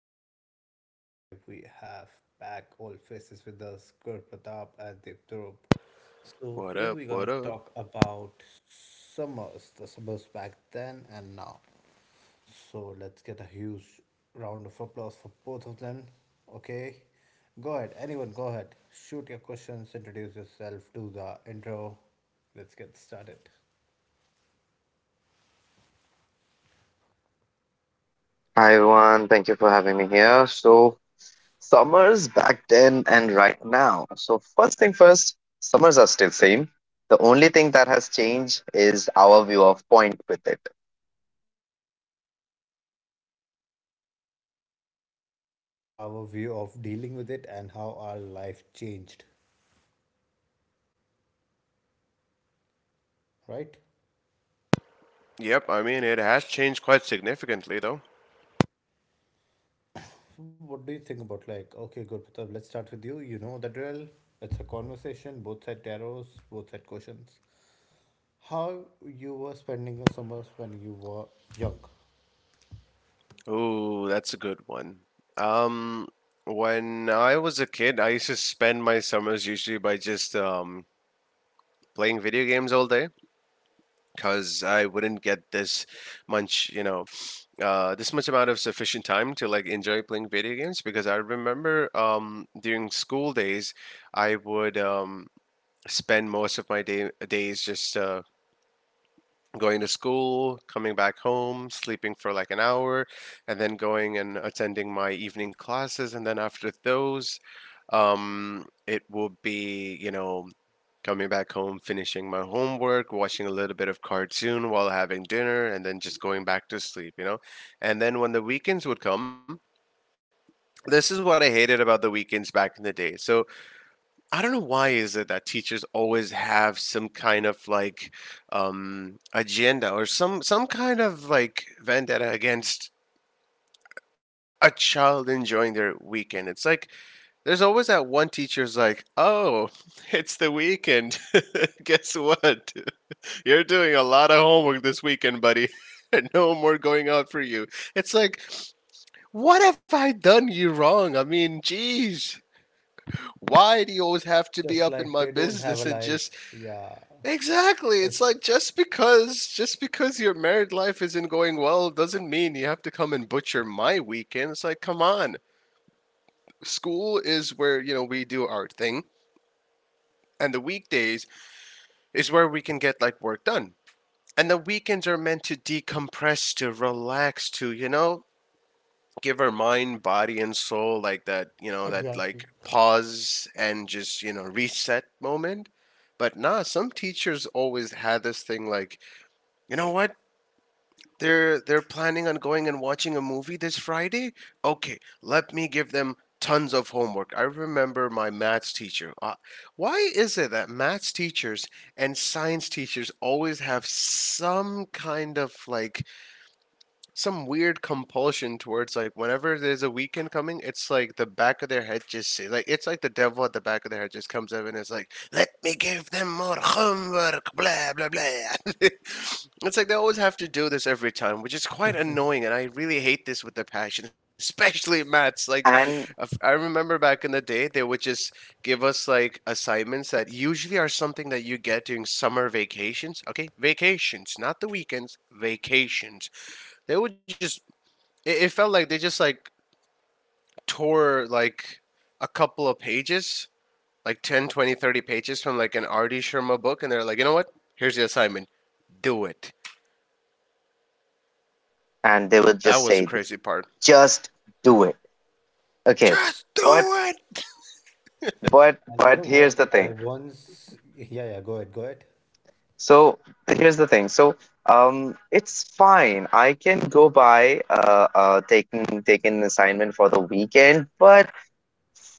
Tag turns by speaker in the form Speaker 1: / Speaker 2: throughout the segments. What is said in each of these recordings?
Speaker 1: Puneet, and today we have back old faces with us, Gur Pratap and Deep. So today we're gonna
Speaker 2: What
Speaker 1: talk
Speaker 2: up? What
Speaker 1: about
Speaker 2: up?
Speaker 1: summers, the summers back then and now. So let's get a huge round of applause for both of them. Okay, go ahead, anyone, go ahead, shoot your questions, introduce yourself, do the intro. Let's get started.
Speaker 3: Hi everyone, thank you for having me here. So, summers back then and right now. So, first thing first, summers are still same. The only thing that has changed is our view of point with it.
Speaker 1: Our view of dealing with it and how our life changed, right?
Speaker 2: Yep, I mean it has changed quite significantly though.
Speaker 1: What do you think about like okay, Gurpatap, let's start with you. You know the drill. It's a conversation, both side tarot, both side questions. How you were spending your summers when you were young.
Speaker 2: Ooh, that's a good one. Um, when I was a kid, I used to spend my summers usually by just playing video games all day because I wouldn't get this much, you know, this much amount of sufficient time to like enjoy playing video games because I remember during school days, I would spend most of my day days just going to school, coming back home, sleeping for like an hour, and then going and attending my evening classes. And then after those, it will be, you know, coming back home, finishing my homework, watching a little bit of cartoon while having dinner, and then just going back to sleep, you know? And then when the weekends would come, this is what I hated about the weekends back in the day. So I don't know why is it that teachers always have some kind of like agenda or some kind of like vendetta against a child enjoying their weekend. It's like there's always that one teacher's like, "Oh, it's the weekend. Guess what? You're doing a lot of homework this weekend, buddy." No more going out for you. It's like, what have I done you wrong? I mean, geez, why do you always have
Speaker 1: It's
Speaker 2: to be
Speaker 1: just
Speaker 2: up in
Speaker 1: like
Speaker 2: my
Speaker 1: they don't have
Speaker 2: business
Speaker 1: a
Speaker 2: and just
Speaker 1: life. Yeah.
Speaker 2: exactly. It's
Speaker 1: It's
Speaker 2: like just because your married life isn't going well doesn't mean you have to come and butcher my weekend. It's like, come on. School is where, you know, we do our thing, and the weekdays is where we can get like work done. And the weekends are meant to decompress, to relax, to, you know, give our mind, body and soul like that, you know, that like
Speaker 1: exactly.
Speaker 2: pause and just, you know, reset moment. But nah, some teachers always had this thing like you know what? they're planning on going and watching a movie this Friday. Okay, let me give them tons of homework. I remember my maths teacher. Why is it that maths teachers and science teachers always have some kind of like some weird compulsion towards like whenever there's a weekend coming, it's like the back of their head just say like it's like the devil at the back of their head just comes up and is like, "Let me give them more homework." Blah blah blah. It's like they always have to do this every time, which is quite annoying, and I really hate this with a passion, especially maths. Like,
Speaker 3: And
Speaker 2: I remember back in the day, they would just give us like assignments that usually are something that you get during summer vacations. Okay, vacations, not the weekends, vacations they would just it felt like they just like tore like a couple of pages like 10, 20, 30 pages from like an rd sharma book and they're like you know what here's the assignment do it.
Speaker 3: and they would
Speaker 2: That
Speaker 3: just
Speaker 2: was the
Speaker 3: say
Speaker 2: crazy part.
Speaker 3: just do it. Okay.
Speaker 2: Just do
Speaker 3: But
Speaker 2: it.
Speaker 3: but
Speaker 1: And you
Speaker 3: but
Speaker 1: know
Speaker 3: here's the
Speaker 1: what?
Speaker 3: thing.
Speaker 1: I once, yeah, yeah, go ahead, go ahead.
Speaker 3: So, here's the thing. So, it's fine. I can go by taking an assignment for the weekend, but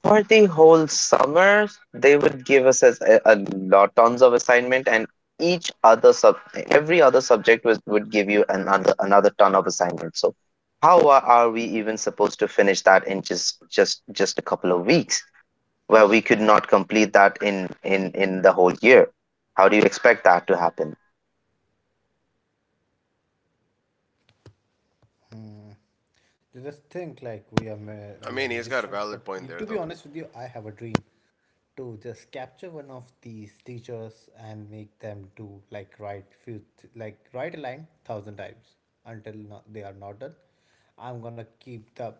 Speaker 3: for the whole summer, they would give us as a lot tons of assignment, and each other sub, every other subject would give you another ton of assignment. So, how are we even supposed to finish that in just a couple of weeks, where we could not complete that in the whole year? How do you expect that to happen?
Speaker 1: Mm. You just think like
Speaker 2: I mean,
Speaker 1: we are
Speaker 2: he's got a valid
Speaker 1: magicians, but
Speaker 2: point there though.
Speaker 1: to be honest with you, I have a dream to just capture one of these teachers and make them do like write like write a line thousand times until they are not done. I'm gonna keep the,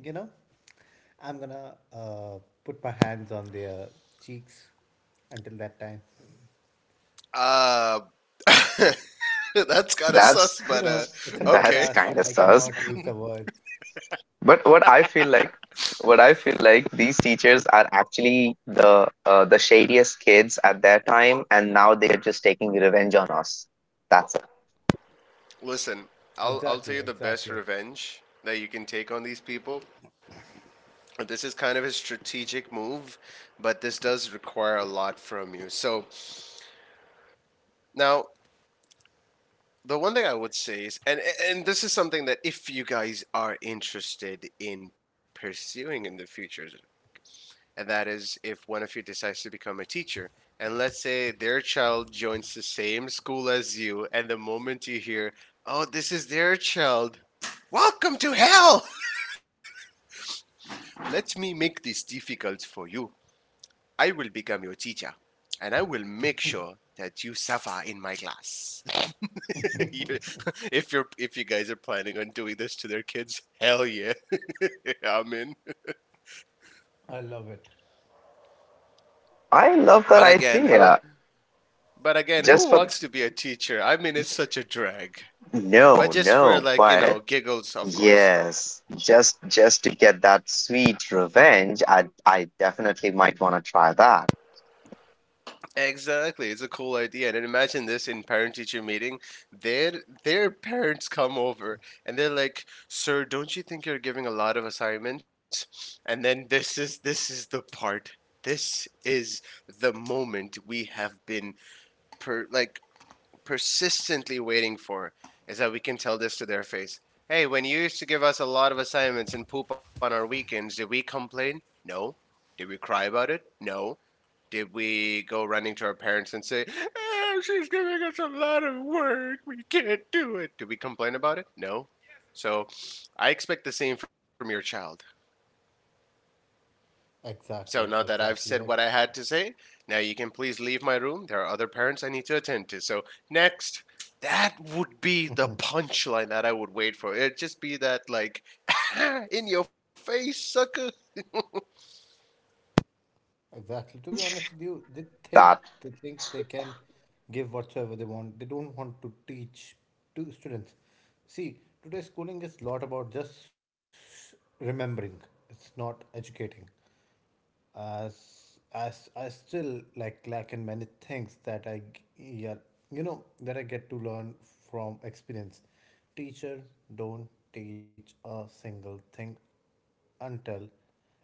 Speaker 1: you know, I'm gonna put my hands on their cheeks until that time.
Speaker 2: uh that's kind
Speaker 1: You
Speaker 2: of
Speaker 3: that's
Speaker 1: know,
Speaker 2: sus
Speaker 1: it's a
Speaker 2: but
Speaker 1: podcast. I
Speaker 2: okay.
Speaker 3: that's
Speaker 1: cannot
Speaker 3: kind of
Speaker 1: use the
Speaker 3: sus.
Speaker 1: words.
Speaker 3: But what I feel like, what I feel like, these teachers are actually the shadiest kids at their time, and now they are just taking revenge on us. That's it.
Speaker 2: Listen, i'll
Speaker 1: Exactly,
Speaker 2: i'll tell you the
Speaker 1: exactly.
Speaker 2: best revenge that you can take on these people. This is kind of a strategic move, but this does require a lot from you. So now, the one thing I would say is, and this is something that if you guys are interested in pursuing in the future, and that is if one of you decides to become a teacher, and let's say their child joins the same school as you, and the moment you hear, "Oh, this is their child," welcome to hell. Let me make this difficult for you. I will become your teacher, and I will make sure that you suffer in my class. You- if you're if you guys are planning on doing this to their kids, hell yeah, I'm in.
Speaker 1: I love it.
Speaker 3: I love that
Speaker 2: But again, who?
Speaker 3: idea.
Speaker 2: But again,
Speaker 3: Just
Speaker 2: who
Speaker 3: for
Speaker 2: wants to be a teacher? I mean, it's such a drag.
Speaker 3: no,
Speaker 2: But just for
Speaker 3: no,
Speaker 2: like you
Speaker 3: but
Speaker 2: know giggles, of course.
Speaker 3: yes, just to get that sweet revenge, I definitely might want to try that.
Speaker 2: Exactly, it's a cool idea. And then imagine this in parent-teacher meeting. Their their parents come over and they're like, "Sir, don't you think you're giving a lot of assignments?" And then this is the part. This is the moment we have been per, like persistently waiting for is that we can tell this to their face. Hey, when you used to give us a lot of assignments and poop on our weekends, did we complain? No. Did we cry about it? No. Did we go running to our parents and say, "Eh, she's giving us a lot of work. We can't do it. Did we complain about it? No. So I expect the same from your child. So
Speaker 1: Exactly,
Speaker 2: now that I've
Speaker 1: exactly.
Speaker 2: said what
Speaker 1: Like,
Speaker 2: I had to say, now you can please leave my room. There are other parents I need to attend to. So next, that would be the punchline that I would wait for. It'd just be that like in your face, sucker.
Speaker 1: exactly. To be honest with you, they think
Speaker 3: That
Speaker 1: they think they can give whatsoever they want. They don't want to teach to students. See, today schooling is lot about just remembering. It's not educating. As I still like lack in many things yeah, you know that I get to learn from experience. Teacher don't teach a single thing until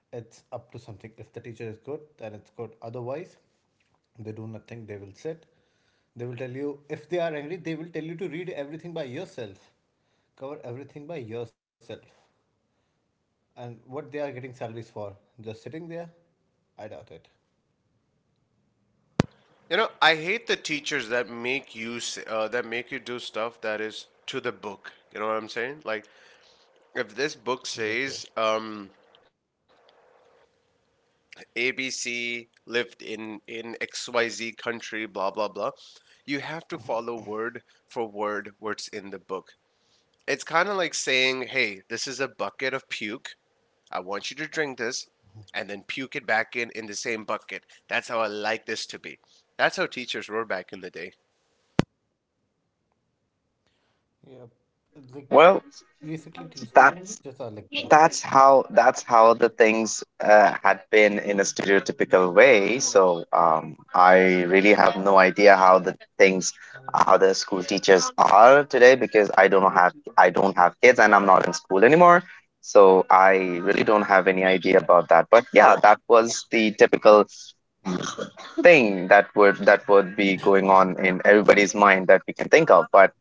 Speaker 1: it's up to something. If the teacher is good, then it's good. Otherwise, they do nothing. They will sit. They will tell you if they are angry. They will tell you to read everything by yourself, cover everything by yourself. And what they are getting salaries for? Just sitting there? I doubt it.
Speaker 2: You know, I hate the teachers that make you do stuff that is to the book. You know what I'm saying? Like
Speaker 1: Yep,
Speaker 2: if this
Speaker 1: yep.
Speaker 2: book says ABC lived in XYZ country, blah blah blah. You have to follow word for word what's in the book. It's kind of like saying, "Hey, this is a bucket of puke. I want you to drink this and then puke it back in the same bucket." That's how I like this to be. That's how teachers were back in the day.
Speaker 1: Yep. Like,
Speaker 3: well,
Speaker 1: basically, teachers are
Speaker 3: that
Speaker 1: like this.
Speaker 3: that's how the things had been in a stereotypical way, so I really have no idea how the things, how the school teachers are today, because I don't have kids and I'm not in school anymore, so I really don't have any idea about that. But yeah, that was the typical thing that would be going on in everybody's mind that we can think of. But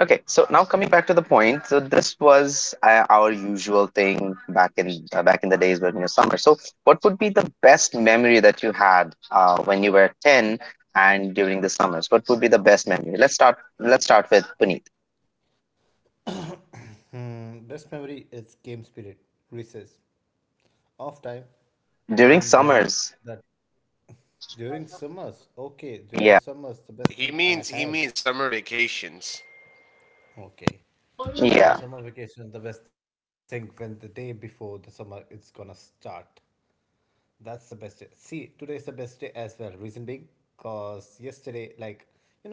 Speaker 3: okay, so now coming back to the point, so this was our usual thing back in the days when you were summer. So, what would be the best memory that you had when you were ten and during the summers? What would be the best memory? Let's start. Let's start with Puneet.
Speaker 1: Hmm. Best memory is game spirit, recess, off time, and
Speaker 3: During
Speaker 1: when
Speaker 3: summers,
Speaker 1: that during summers.
Speaker 2: He
Speaker 1: Okay,
Speaker 2: means
Speaker 1: during
Speaker 3: yeah,
Speaker 1: summers, the
Speaker 2: summer
Speaker 1: best thing I had.
Speaker 2: vacations.
Speaker 1: Okay, so in
Speaker 3: yeah,
Speaker 1: summer vacation, the best thing when the day before the summer it's gonna start. That's the best day. See, today is the best day as well. Reason being, cause yesterday, like, you know,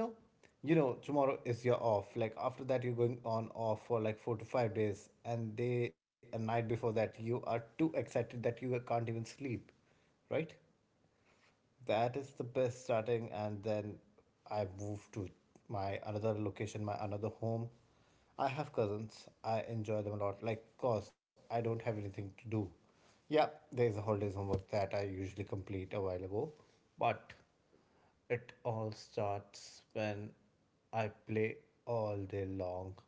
Speaker 1: you know, tomorrow is your off. Like after that, you're going on off for like 4 to 5 days, and day a night before that, you are too excited that you can't even sleep, right? That is the best starting, and then I moved to my another location, my another home. I have cousins. I enjoy them a lot. Like, cause I don't have anything to do. Yeah, there is a holidays homework that I usually complete a while ago, but it all starts when I play all day long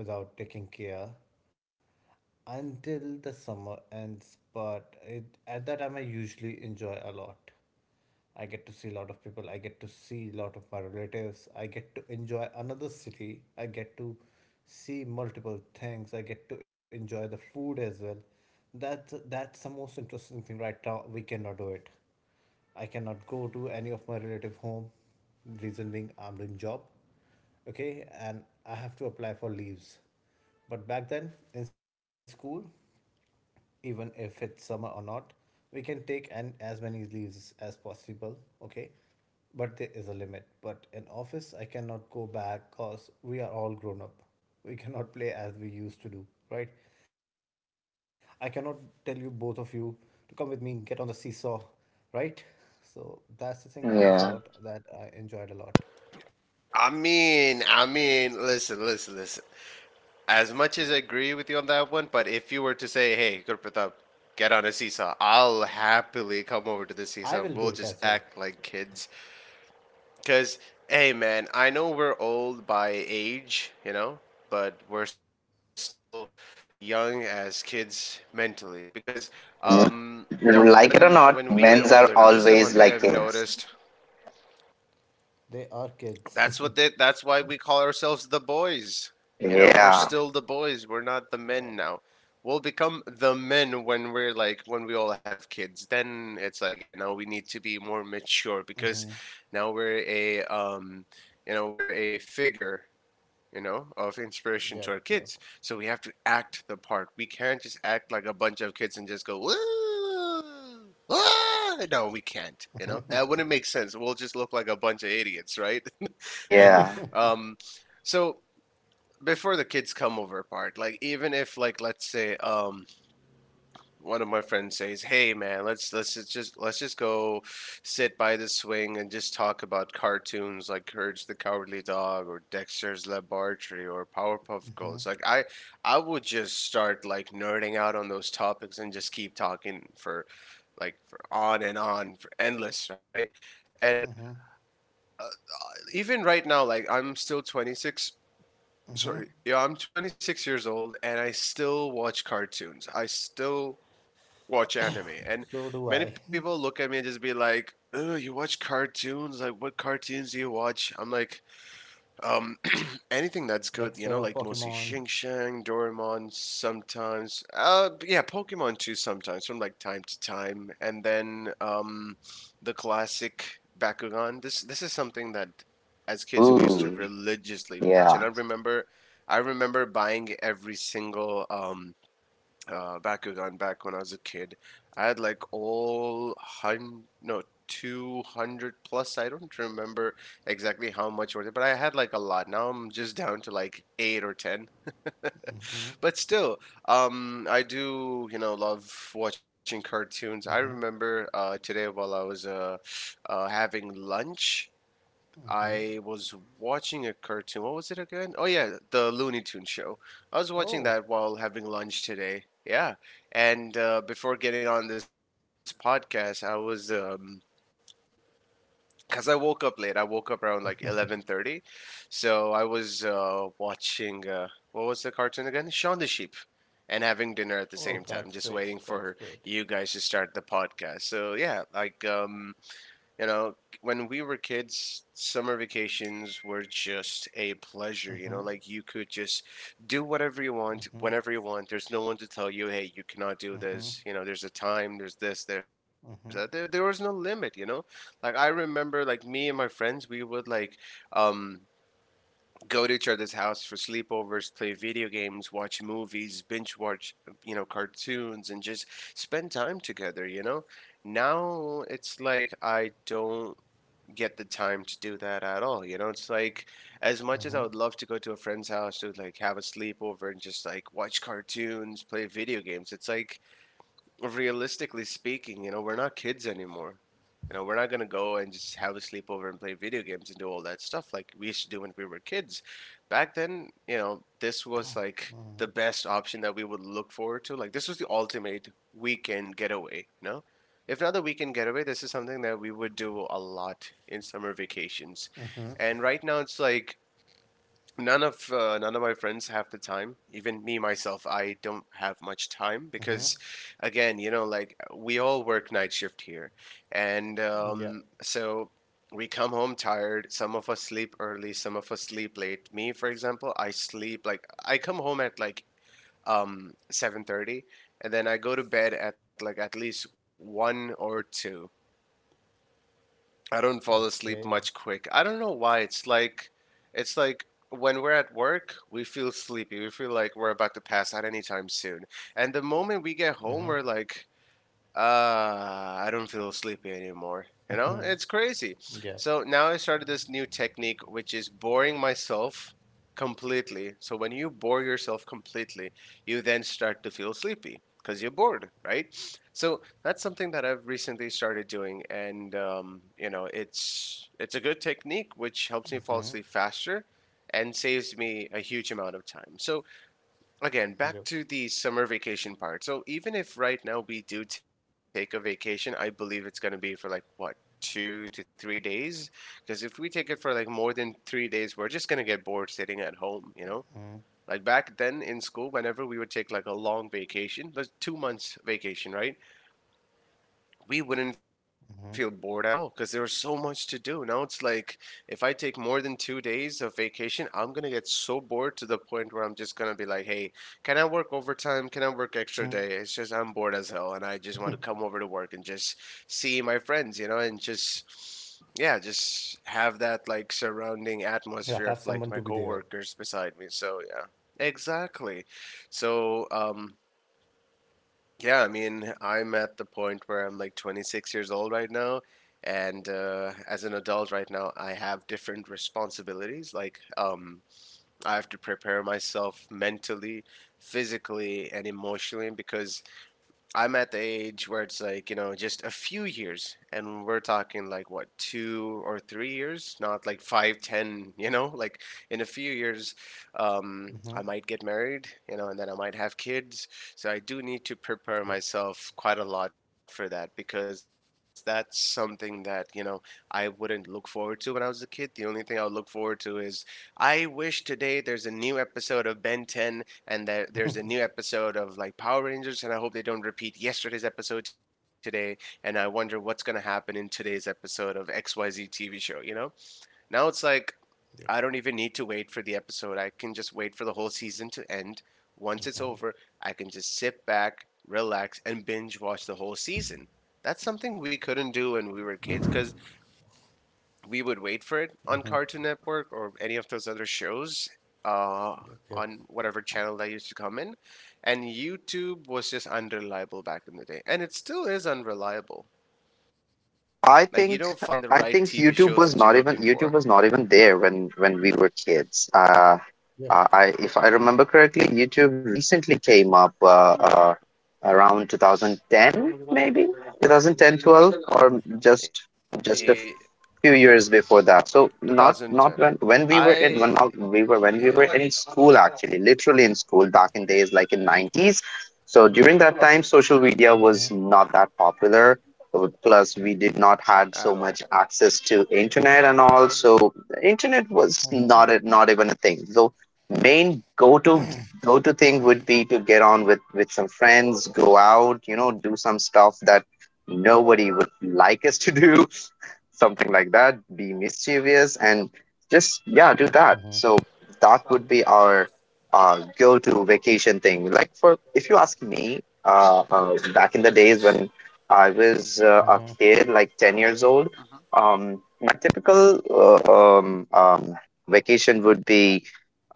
Speaker 1: without taking care until the summer ends, but it, at that time I usually enjoy a lot. I get to see a lot of people, I get to see a lot of my relatives, I get to enjoy another city, I get to see multiple things, I get to enjoy the food as well. That's the most interesting thing right now. We cannot do it. I cannot go to any of my relative home. Reason being, I'm doing job. Okay, and I have to apply for leaves. But back then in school, even if it's summer or not, we can take and as many leaves as possible, okay, but there is a limit. But in office I cannot go back cause we are all grown up. We cannot play as we used to do, right? I cannot tell you both of you to come with me, get on the seesaw, right? So that's the thing I miss a lot
Speaker 3: yeah.
Speaker 1: that I enjoyed a lot.
Speaker 2: Listen, listen. As much as I agree with you on that one, but if you were to say, "Hey, Gurpratap, get on a seesaw," I'll happily come
Speaker 1: I
Speaker 2: over to
Speaker 1: will
Speaker 2: the
Speaker 1: do it
Speaker 2: seesaw.
Speaker 1: as
Speaker 2: We'll
Speaker 1: well.
Speaker 2: just act like kids, because hey, man, I know we're old by age, you know, but we're still young as kids mentally. Because now when
Speaker 3: Mm, like
Speaker 2: we
Speaker 3: it or
Speaker 2: get
Speaker 3: not,
Speaker 2: older, now this is
Speaker 3: men's
Speaker 2: one
Speaker 3: are
Speaker 2: thing I've
Speaker 3: always
Speaker 2: noticed
Speaker 3: like kids.
Speaker 1: They are kids. Yep.
Speaker 2: that's what they, that's why we call ourselves the boys. You know, we're
Speaker 3: Yeah,
Speaker 2: still the boys. We're not the men now. We'll become the men when we're like when we all have kids. Then it's like, yeah, now we need to be more mature
Speaker 1: Hmm.
Speaker 2: because now we're a you know, we're a figure you know, of inspiration
Speaker 1: Yep,
Speaker 2: to our
Speaker 1: yep.
Speaker 2: kids. So we have to act the part. We can't just act like a bunch of kids and just go, woo! Ah! No, we can't. You know, that wouldn't make sense. We'll just look like a bunch of idiots, right? And
Speaker 3: yeah.
Speaker 2: um, so before the kids come over part, like even if like let's say one of my friends says, "Hey man, let's just go sit by the swing and just talk about cartoons like Courage the Cowardly Dog or Dexter's Laboratory or Powerpuff Girls." Like I would just start like nerding out on those topics and just keep talking for like for on and on for endless, right? And uh, even right now like I'm still 26 sorry. Yeah, I'm 26 years old and I still watch cartoons. I still watch anime.
Speaker 1: So
Speaker 2: And
Speaker 1: do I.
Speaker 2: many people look at me and just be like, "Oh, you watch cartoons? Like, what cartoons do you watch?" I'm like, um, anything that's good, you know,
Speaker 1: Dexter,
Speaker 2: like mostly
Speaker 1: Pokemon.
Speaker 2: Shing Shang, Doraemon, sometimes. Yeah, Pokemon too, sometimes from like time to time, and then the classic Bakugan. This is something that as kids we used to
Speaker 3: Ooh,
Speaker 2: religiously watch, and
Speaker 3: yeah.
Speaker 2: I remember. I remember buying every single Bakugan back when I was a kid. I had like all hun no 200 plus. I don't remember exactly how much were there, but I had like a lot. Now I'm just down to like 8 or 10. But still, I do you know love watching cartoons. I remember today while I was having lunch. I was watching a cartoon. What was it again? Oh yeah, the Looney Tunes show. I was watching
Speaker 1: Oh,
Speaker 2: that while having lunch today. Yeah, and before getting on this podcast, I was cause I woke up late. I woke up around like 11:30, so I was watching. What was the cartoon again? Shaun the Sheep, and having dinner at the same
Speaker 1: oh,
Speaker 2: time, just
Speaker 1: that's
Speaker 2: waiting
Speaker 1: great.
Speaker 2: for
Speaker 1: That's great.
Speaker 2: you guys to start the podcast. So yeah, like you know, when we were kids, summer vacations were just a pleasure, you know, like you
Speaker 1: Mm-hmm.
Speaker 2: could just do whatever you want,
Speaker 1: Mm-hmm.
Speaker 2: whenever you want. There's no one to tell you, hey, you cannot do
Speaker 1: Mm-hmm.
Speaker 2: this. You know, there's a time, there's this, there's that. There was no
Speaker 1: Mm-hmm.
Speaker 2: limit, like I remember like me and my friends, we would like um go to each other's house for sleepovers, play video games, watch movies, binge watch, cartoons, and just spend time together. Now it's like I don't get the time to do that at all. It's like as much as I would love to go
Speaker 1: Mm-hmm.
Speaker 2: to a friend's house to like have a sleepover and just like watch cartoons, play video games, it's like realistically speaking, we're not kids anymore. We're not gonna go and just have a sleepover and play video games and do all that stuff like we used to do when we were kids. Back then, this was like the best option that we would look forward to. Like this was the ultimate weekend getaway. If not the weekend getaway, this is something that we would do a lot in summer vacations. And right now it's like none of my friends have the time. Even me myself, I don't have much time because again, like we all work night shift here. And
Speaker 1: Yeah.
Speaker 2: so we come home tired. Some of us sleep early, some of us sleep late. Me, for example, I sleep like, I come home at like 7:30, and then I go to bed at like at least 1 or 2. I don't fall asleep much
Speaker 1: Okay.
Speaker 2: quick. I don't know why. It's like when we're at work, we feel sleepy. We feel like we're about to pass out anytime soon. And the moment we get home, we're like, uh, I don't feel sleepy anymore. It's crazy.
Speaker 1: Yep.
Speaker 2: So now I started this new technique, which is boring myself completely. So when you bore yourself completely, you then start to feel sleepy because you're bored, right? So that's something that I've recently started doing, and it's a good technique which helps me fall asleep faster and saves me a huge amount of time. So again,
Speaker 1: Yep.
Speaker 2: back to the summer vacation part. So even if right now we do take a vacation, I believe it's going to be for like what, 2 to 3 days, because if we take it for like more than 3 days, we're just going to get bored sitting at home, you know? Like back then in school, whenever we would take like a long vacation, those 2 months vacation, right? We wouldn't feel bored at all because there was so much to do. Now it's like if I take more than 2 days of vacation, I'm gonna get so bored to the point where I'm just gonna be like, "Hey, can I work overtime? Can I work extra day?" It's just I'm bored as hell, and I just want to come over to work and just see my friends, and just yeah, just have that like surrounding
Speaker 1: Yeah. Have
Speaker 2: atmosphere
Speaker 1: someone
Speaker 2: of
Speaker 1: to be
Speaker 2: like my
Speaker 1: there.
Speaker 2: coworkers beside me. So yeah, exactly. So yeah, I mean, I'm at the point where I'm like 26 years old right now. And as an adult right now, I have different responsibilities. Like, I have to prepare myself mentally, physically, and emotionally because I'm at the age where it's like, just a few years. And we're talking like what, 2 or 3 years, not like five, ten, like in a few years, I
Speaker 1: Mm-hmm.
Speaker 2: might get married, and then I might have kids. So I do need to
Speaker 1: Yep.
Speaker 2: prepare myself quite a lot for that because that's something that, I wouldn't look forward to when I was a kid. The only thing I would look forward to is I wish today there's a new episode of Ben 10 and there's a new episode of like Power Rangers, and I hope they don't repeat yesterday's episode today. And I wonder what's gonna happen in today's episode of XYZ TV show. Now it's like I don't even
Speaker 1: Yep.
Speaker 2: need to wait for the episode. I can just wait for the whole season to end. Once it's over, I can just sit back, relax, and binge watch the whole season. That's something we couldn't do when we were kids because we would wait for it on Cartoon Network or any of those other shows uh, on
Speaker 1: Yep. Yep.
Speaker 2: whatever channel that used to come in. And YouTube was just unreliable back in the day. And it still is unreliable. Like, you don't find
Speaker 3: I
Speaker 2: the right
Speaker 3: think
Speaker 2: TV
Speaker 3: I
Speaker 2: shows that you're
Speaker 3: think
Speaker 2: looking
Speaker 3: YouTube was
Speaker 2: for.
Speaker 3: not even YouTube was not even there when we were kids. I,
Speaker 1: Yep.
Speaker 3: if I remember correctly, YouTube recently came up uh, around 2010, maybe 2010, 12, or
Speaker 2: Eh,
Speaker 3: just a few years before that.
Speaker 2: 2010.
Speaker 3: So not not
Speaker 2: I,
Speaker 3: when when we were in when
Speaker 2: yeah.
Speaker 3: not we were when we were in school actually, literally in school back in days, like in nineties.
Speaker 2: Hmm.
Speaker 3: So during that time, social media was not that popular. Plus, we did not
Speaker 2: At
Speaker 3: had
Speaker 2: all.
Speaker 3: so much access to internet and all. So internet was not a, not even a thing. So main go to thing would be to get on with some friends, go out, you know, do some stuff that nobody would like us to do, something like that, be mischievous, and just, yeah, do that. So
Speaker 1: Mm-hmm.
Speaker 3: that would be our go to vacation thing. Like, for, if you ask me, back in the days when I was a
Speaker 1: Mm-hmm.
Speaker 3: kid, like 10 years old, my typical vacation would be,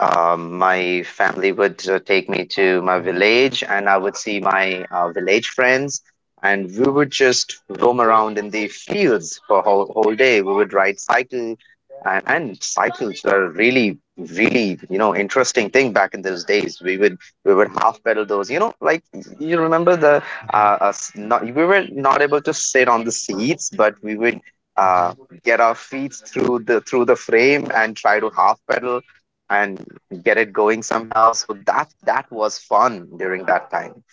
Speaker 3: my family would take me to my
Speaker 1: Mm-hmm.
Speaker 3: village and I would see my village friends, and we would just roam around in the fields. For whole day we would ride cycle, and cycles were really, you know, interesting thing. Back in those days, we would half pedal those, you know, like, you remember the
Speaker 1: Mm-hmm.
Speaker 3: us not we were not able to sit on the seats, but we would uh
Speaker 1: Mm-hmm.
Speaker 3: get our feet through the frame and try to half pedal and get it going somehow. So that that was fun during that time.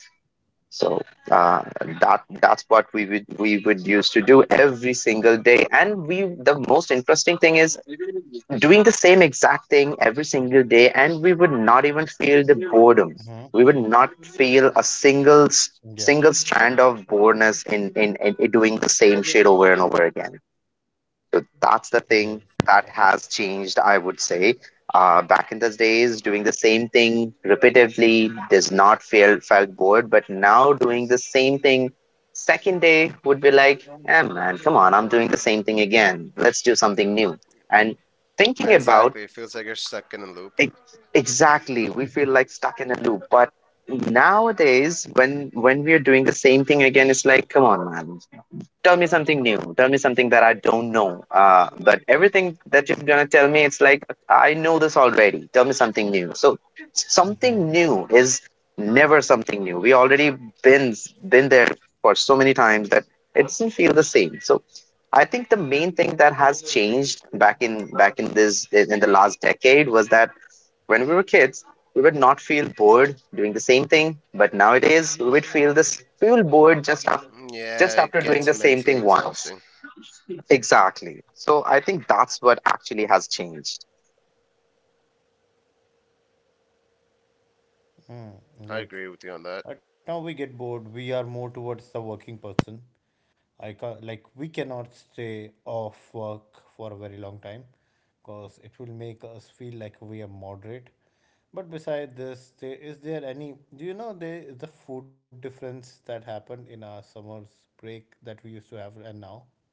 Speaker 3: So uh, that that's what we would used to do every single day. And we, the most interesting thing is doing the same exact thing every single day, and we would not even feel the boredom. We
Speaker 1: Mm-hmm.
Speaker 3: would not feel a
Speaker 1: Yep.
Speaker 3: single strand of boredom in doing the same shit over and over again. So that's the thing
Speaker 1: Yes.
Speaker 3: that has
Speaker 1: Exactly.
Speaker 3: changed, I would say. Back in those days, doing the same thing repetitively does not feel felt bored, but now doing the same thing second day would be like, eh, man, come on, I'm doing the same thing again. Let's do something new. And thinking about
Speaker 2: Exactly. It feels like you're stuck
Speaker 3: it,
Speaker 2: in a loop.
Speaker 3: exactly, we feel like stuck in a loop. But nowadays, when we're doing the same thing again, it's like, come on, man, tell me something new, tell me something that I don't know. But everything that you're gonna tell me, it's like I know this already. Tell me something new. So something
Speaker 1: Mm-hmm.
Speaker 3: new is never something new. We already been been there for so many times that it doesn't feel the same. So I think the main thing that has changed back in back in this in the last decade was that when we were kids, we would not feel bored doing the same thing, but nowadays we would feel bored
Speaker 2: Mm,
Speaker 3: just
Speaker 2: yeah,
Speaker 3: after
Speaker 2: it
Speaker 3: doing the
Speaker 2: gets
Speaker 3: same
Speaker 2: mentally
Speaker 3: thing once.
Speaker 2: exhausting.
Speaker 3: Exactly. So I think that's what actually has changed.
Speaker 2: I agree
Speaker 1: Like.
Speaker 2: with you on that.
Speaker 1: Right now we get bored. We are more towards the working person. I can, like, we cannot stay off work for a very long time because it will make us feel like we are moderate. But beside this, there is there any, do you know, there is the food difference that happened in our summer's break that we used to have and now?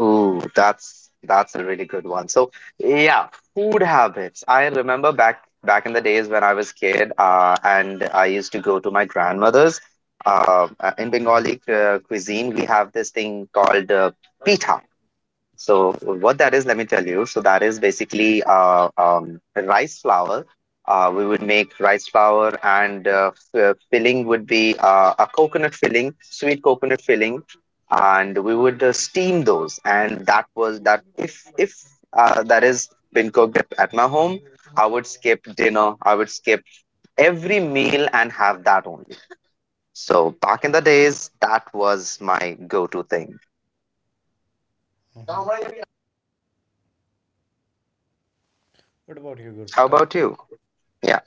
Speaker 3: Ooh, that's a really good one. So yeah, food habits. I remember back in the days when I was kid, and I used to go to my grandmother's. In Bengali cuisine, we have this thing called pitha. So what that is, let me tell you. So that is basically rice flour. We would make rice flour, and filling would be a coconut filling, sweet coconut filling, and we would steam those. And that was that. If that is been cooked at my home, I would skip dinner. I would skip every meal and have that only. So back in the days, that was my go-to thing. How
Speaker 1: What about you, Guru
Speaker 3: about you?
Speaker 1: Pratap?
Speaker 3: Yeah.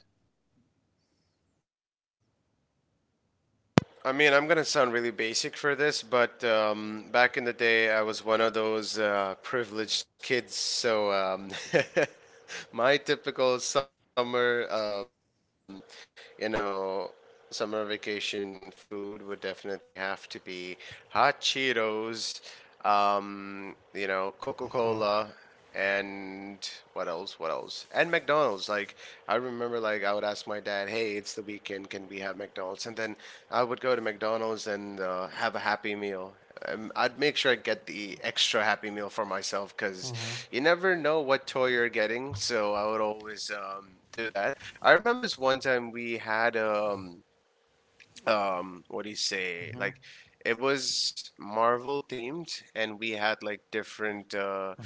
Speaker 2: I mean, I'm gonna sound really basic for this, but back in the day, I was one of those privileged kids. So my typical summer, you know, summer vacation food would definitely have to be hot Cheetos, Coca Cola, and what else? What else? And McDonald's. Like I remember, like I would ask my dad, "Hey, it's the weekend. Can we have McDonald's?" And then I would go to McDonald's and have a Happy Meal. I'd make sure I get the extra Happy Meal for myself because you never know what toy you're getting. So I would always do that. I remember this one time we had, what do you say, like it was Marvel themed, and we had like different uh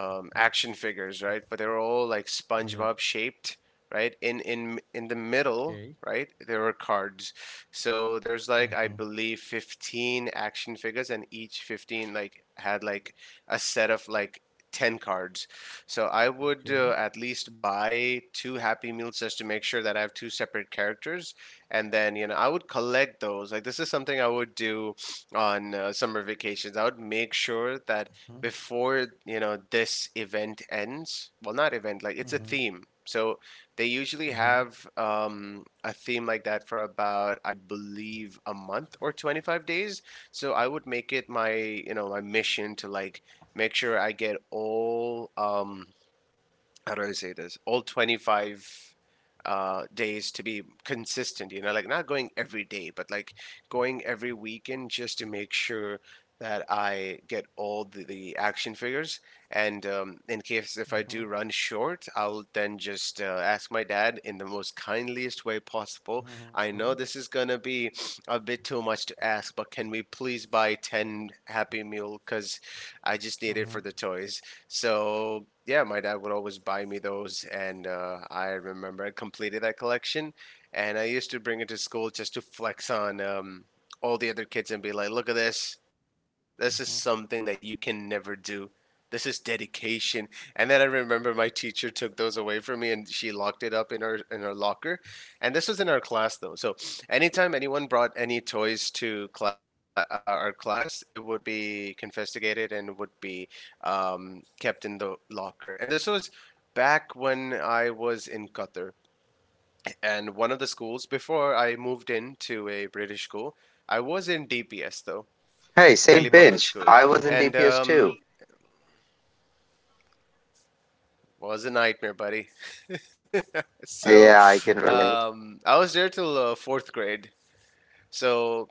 Speaker 2: um action figures, right? But they were all like SpongeBob
Speaker 1: Yep.
Speaker 2: shaped, right? In the middle,
Speaker 1: Okay.
Speaker 2: right, there were cards. So there's like, I believe, 15 action figures, and each 15 like had like a set of like 10 cards. So I would
Speaker 1: Okay.
Speaker 2: at least buy two happy meals just to make sure that I have two separate characters. And then, you know, I would collect those. Like this is something I would do on summer vacations. I would make sure that
Speaker 1: Mhm,
Speaker 2: before you know this event ends. Well, not event, like it's a theme. So they usually have a theme like that for about, I believe, a month or 25 days. So I would make it my, my mission to like make sure I get all how do I say this, all 25 days to be consistent, you know, like not going every day but like going every weekend just to make sure that I get all the action figures. And in case if I do run
Speaker 1: mhm,
Speaker 2: short, I'll then just ask my dad in the most kindliest way possible, I
Speaker 1: mhm,
Speaker 2: know this is gonna be a bit too much to ask, but can we please buy 10 happy meal because I just need it for the
Speaker 1: mhm,
Speaker 2: toys. So yeah, my dad would always buy me those, and I remember I completed that collection, and I used to bring it to school just to flex on all the other kids and be like, "Look at this! This is something that you can never do. This is dedication." And then I remember my teacher took those away from me, and she locked it up in her locker, and this was in our class though. So anytime anyone brought any toys to our class, it would be confiscated and would be kept in the locker. And this was back when I was in Qatar, and one of the schools before I moved into a British school, I was in DPS though,
Speaker 3: Hey, same
Speaker 1: mhm,
Speaker 2: Delhi
Speaker 3: pinch.
Speaker 2: Public
Speaker 3: I
Speaker 2: School,
Speaker 3: was in DPS
Speaker 2: and
Speaker 3: too.
Speaker 2: was a nightmare, buddy. So
Speaker 3: Yeah, I can relate.
Speaker 2: I was there till fourth grade. So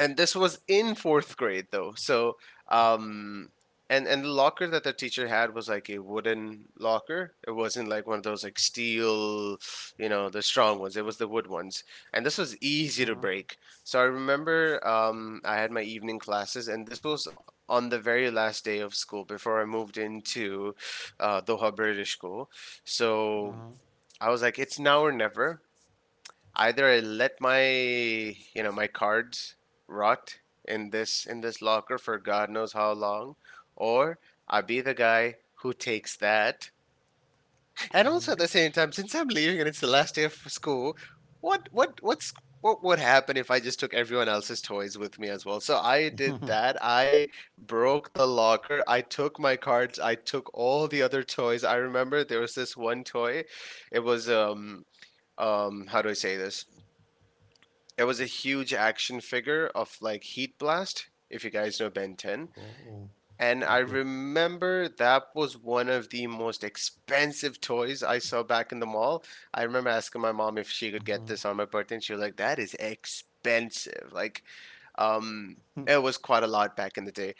Speaker 2: and this was in fourth grade though, so um and the locker that the teacher had was like a wooden locker. It wasn't like one of those like steel, the strong ones, it was the wood ones, and this was easy to
Speaker 1: mhm,
Speaker 2: break. So I remember I had my evening classes, and this was on the very last day of school before I moved into Doha British School. So
Speaker 1: mhm,
Speaker 2: I was like, it's now or never. Either I let my, my cards rot in this locker for God knows how long, or I'll be the guy who takes that. And also at
Speaker 1: mhm.
Speaker 2: the same time, since I'm leaving and it's the last day of school, what what what's what would happen if I just took everyone else's toys with me as well? So I did that. I broke the locker. I took my cards. I took all the other toys. I remember there was this one toy. It was how do I say this? There was a huge action figure of like Heat Blast, if you guys know Ben 10.
Speaker 1: Oh, oh.
Speaker 2: And I
Speaker 1: Yep, yep.
Speaker 2: remember that was one of the most expensive toys I saw back in the mall. I remember asking my mom if she could get this on my birthday, and she was like, that is expensive. Like, um, it was quite a lot back in the day.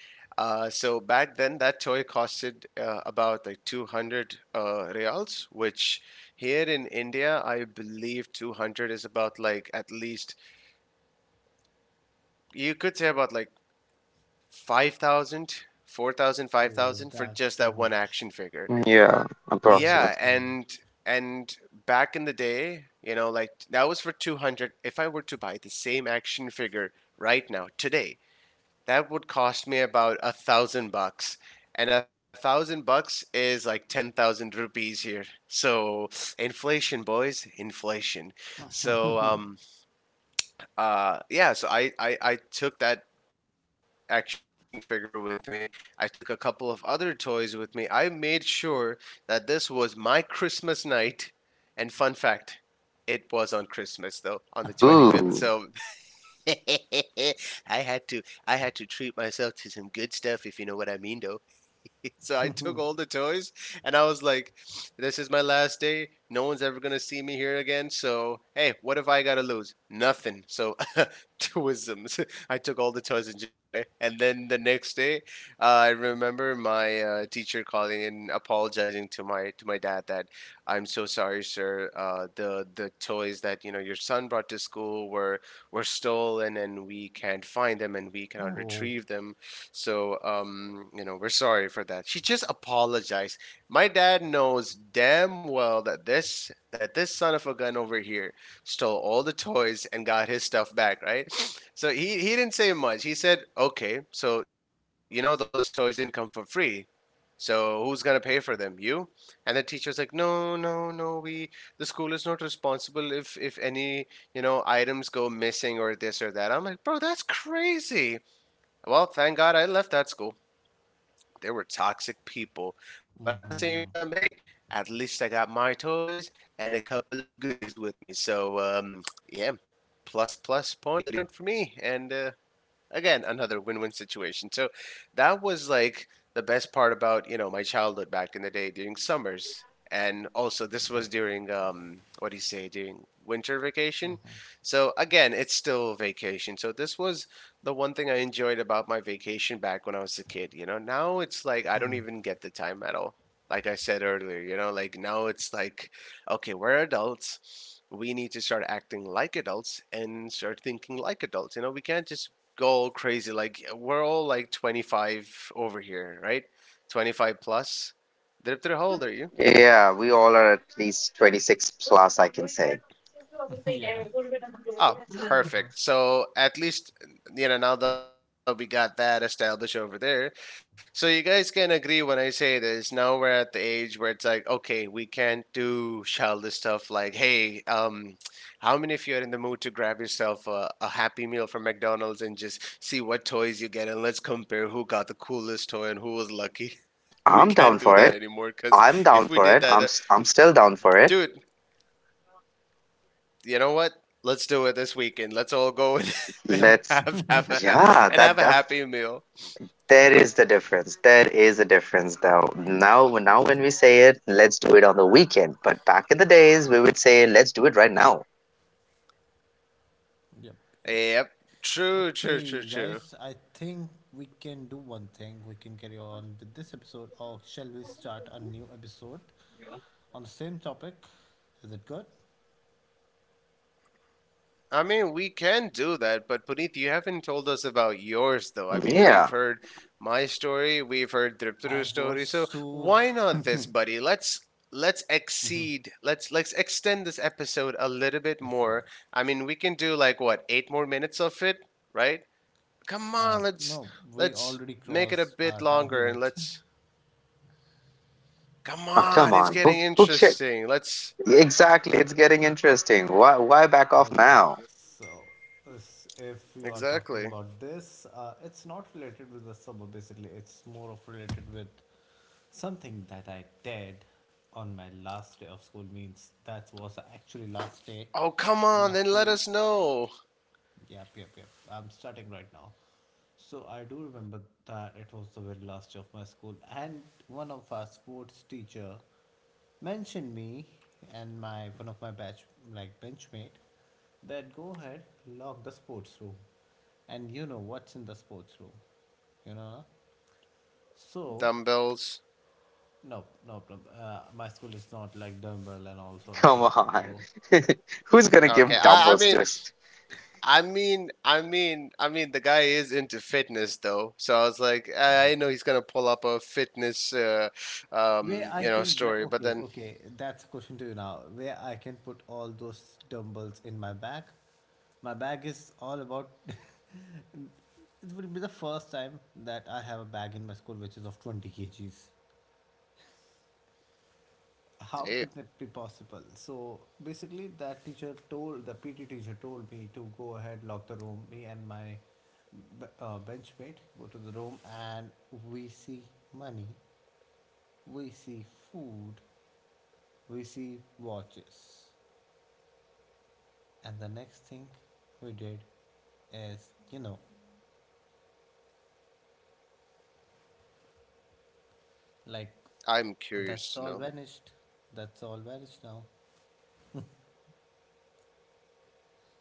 Speaker 2: So back then, that toy costed about like 200 reals, which here in India, I believe 200 is about like at least you could say about like 5,000, 4,000, five
Speaker 1: Oh,
Speaker 2: thousand for
Speaker 1: that's
Speaker 2: just
Speaker 1: too
Speaker 2: that one
Speaker 1: much.
Speaker 2: action.
Speaker 3: Yeah,
Speaker 1: That's
Speaker 2: Yeah,
Speaker 3: approximate.
Speaker 1: too much.
Speaker 2: back in the day, like that was for 200. If I were to buy the same action figure right now, today, that would cost me about $1,000. And $1,000 is like 10,000 rupees here. So, inflation, boys, inflation. So, yeah, so I took that action figure with me. I took a couple of other toys with me. I made sure that this was my Christmas night. And fun fact, it was on Christmas though, on the 25th. So
Speaker 3: Ooh.
Speaker 2: I had to I had to treat myself to some good stuff if you know what I mean though. So I took all the toys and I was like, this is my last day. No one's ever going to see me here again. So, hey, what have I got to lose? Nothing. So two wisdoms. I took all the toys and just ran away. And then the next day, I remember my teacher calling and apologizing to my dad that I'm so sorry, sir. The toys that your son brought to school were stolen, and we can't find them, and we cannot
Speaker 1: Oh,
Speaker 2: retrieve them. So. We're sorry for that. She just apologized. My dad knows damn well that this son of a gun over here stole all the toys and got his stuff back, right? So he didn't say much. He said, okay, so those toys didn't come for free. So who's gonna pay for them? You? And the teacher was like, no, no, no. We the school is not responsible if any items go missing or this or that. I'm like, bro, that's crazy. Well, thank God I left that school. They were toxic people. But at the same
Speaker 1: mm-hmm.
Speaker 2: time, hey, at least I got my toys and a couple of goodies with me. So yeah, plus point for me. And again another win-win situation, so that was like the best part about my childhood back in the day during summers. And also this was during what do you say, during winter vacation. So again, it's still vacation, so this was the one thing I enjoyed about my vacation back when I was a kid. Now it's like I don't even get the time at all. Like I said earlier, like now it's like, okay, we're adults, we need to start acting like adults and start thinking like adults. We can't just go crazy. Like we're all like 25 over here, right? 25 plus. Dirip, how old are you?
Speaker 3: Yeah, we all are at least 26 plus, I can say.
Speaker 1: Yeah,
Speaker 2: Oh, perfect. So at least now that we got that established over there, so you guys can agree when I say this. Now we're at the age where it's like, okay, we can't do childish stuff like, hey, how many of you are in the mood to grab yourself a Happy Meal from McDonald's and just see what toys you get, and let's compare who got the coolest toy and who was lucky. We can't do
Speaker 3: I'm
Speaker 2: that
Speaker 3: down for
Speaker 2: anymore
Speaker 3: it.
Speaker 2: because if we
Speaker 3: I'm
Speaker 2: did
Speaker 3: down
Speaker 2: that,
Speaker 3: for it. I'm still down for
Speaker 2: dude,
Speaker 3: it.
Speaker 2: you know what? Let's do it this weekend. Let's all go and, and
Speaker 3: Let's,
Speaker 2: have have a
Speaker 3: yeah,
Speaker 2: and have
Speaker 3: that
Speaker 2: a
Speaker 3: def,
Speaker 2: happy meal.
Speaker 3: there is the difference. There is a difference though. Now now when we say it, let's do it on the weekend. But back in the days we would say let's do it right now.
Speaker 1: yep, yep.
Speaker 2: Yep. True, true, true,
Speaker 1: Okay,
Speaker 2: true.
Speaker 1: guys, I think we can do one thing. We can carry on with this episode, or shall we start a new episode on the same topic? Is it good?
Speaker 2: I mean, we can do that, but Puneet, you haven't told us about yours though. I mean,
Speaker 3: Yeah.
Speaker 2: we've heard my story, we've heard
Speaker 1: I
Speaker 2: Driptaru's
Speaker 1: was
Speaker 2: story, so
Speaker 1: so
Speaker 2: why not this, buddy? Let's exceed, let's extend this episode a little bit more.
Speaker 1: sure.
Speaker 2: I mean, we can do, like, what, 8 more minutes of it, right? Come
Speaker 1: Uh,
Speaker 2: on, let's
Speaker 1: no, we
Speaker 2: let's
Speaker 1: already
Speaker 2: make it a
Speaker 1: crossed
Speaker 2: bit
Speaker 1: our time
Speaker 2: longer, and
Speaker 1: limit.
Speaker 2: let's, come
Speaker 3: Oh,
Speaker 2: on, it's
Speaker 3: come
Speaker 2: getting
Speaker 3: on.
Speaker 2: interesting. Let's.
Speaker 3: Exactly, it's getting interesting. Why back off
Speaker 1: Okay,
Speaker 3: now?
Speaker 1: so this- if you are
Speaker 2: Exactly.
Speaker 1: talking about this, it's not related with the suburb basically, it's more of related with something that I did on my last day of school, means that was actually last day
Speaker 2: Oh, come
Speaker 1: on
Speaker 2: on,
Speaker 1: my
Speaker 2: then let
Speaker 1: school.
Speaker 2: us know.
Speaker 1: Yep, yep, yep. I'm starting right now. So I do remember that it was the very last day of my school, and one of our sports teacher mentioned me and my one of my batch like benchmate that go ahead, lock the sports room, and you know what's in the sports room, you know, na? So
Speaker 2: Dumbbells.
Speaker 1: no, no problem. My school is not like dumbbell and all sort of
Speaker 3: Come
Speaker 1: things.
Speaker 3: on.
Speaker 1: So
Speaker 3: Who's gonna
Speaker 2: Okay,
Speaker 1: I
Speaker 3: give
Speaker 1: do
Speaker 2: I
Speaker 3: dumbbells
Speaker 2: mean,
Speaker 3: to us?
Speaker 2: I mean, I mean, I mean, the guy is into fitness though, so I was like, I
Speaker 1: no.
Speaker 2: know he's gonna pull up a fitness,
Speaker 1: Where I can gra-
Speaker 2: story, but
Speaker 1: okay,
Speaker 2: then,
Speaker 1: okay, that's a question to you now. Where I can put all those dumbbells in my bag? My bag is all about. It will be the first time that I have a bag in my school which is of 20 kg kgs. How
Speaker 2: hey,
Speaker 1: could that be possible? So basically, that teacher told, the PT teacher told me to go ahead, lock the room. Me and my benchmate go to the room and we see money, we see food, we see watches. And the next thing we did is, you know, like,
Speaker 2: I'm
Speaker 1: that's all
Speaker 2: curious to know.
Speaker 1: vanished. That's all vanished now.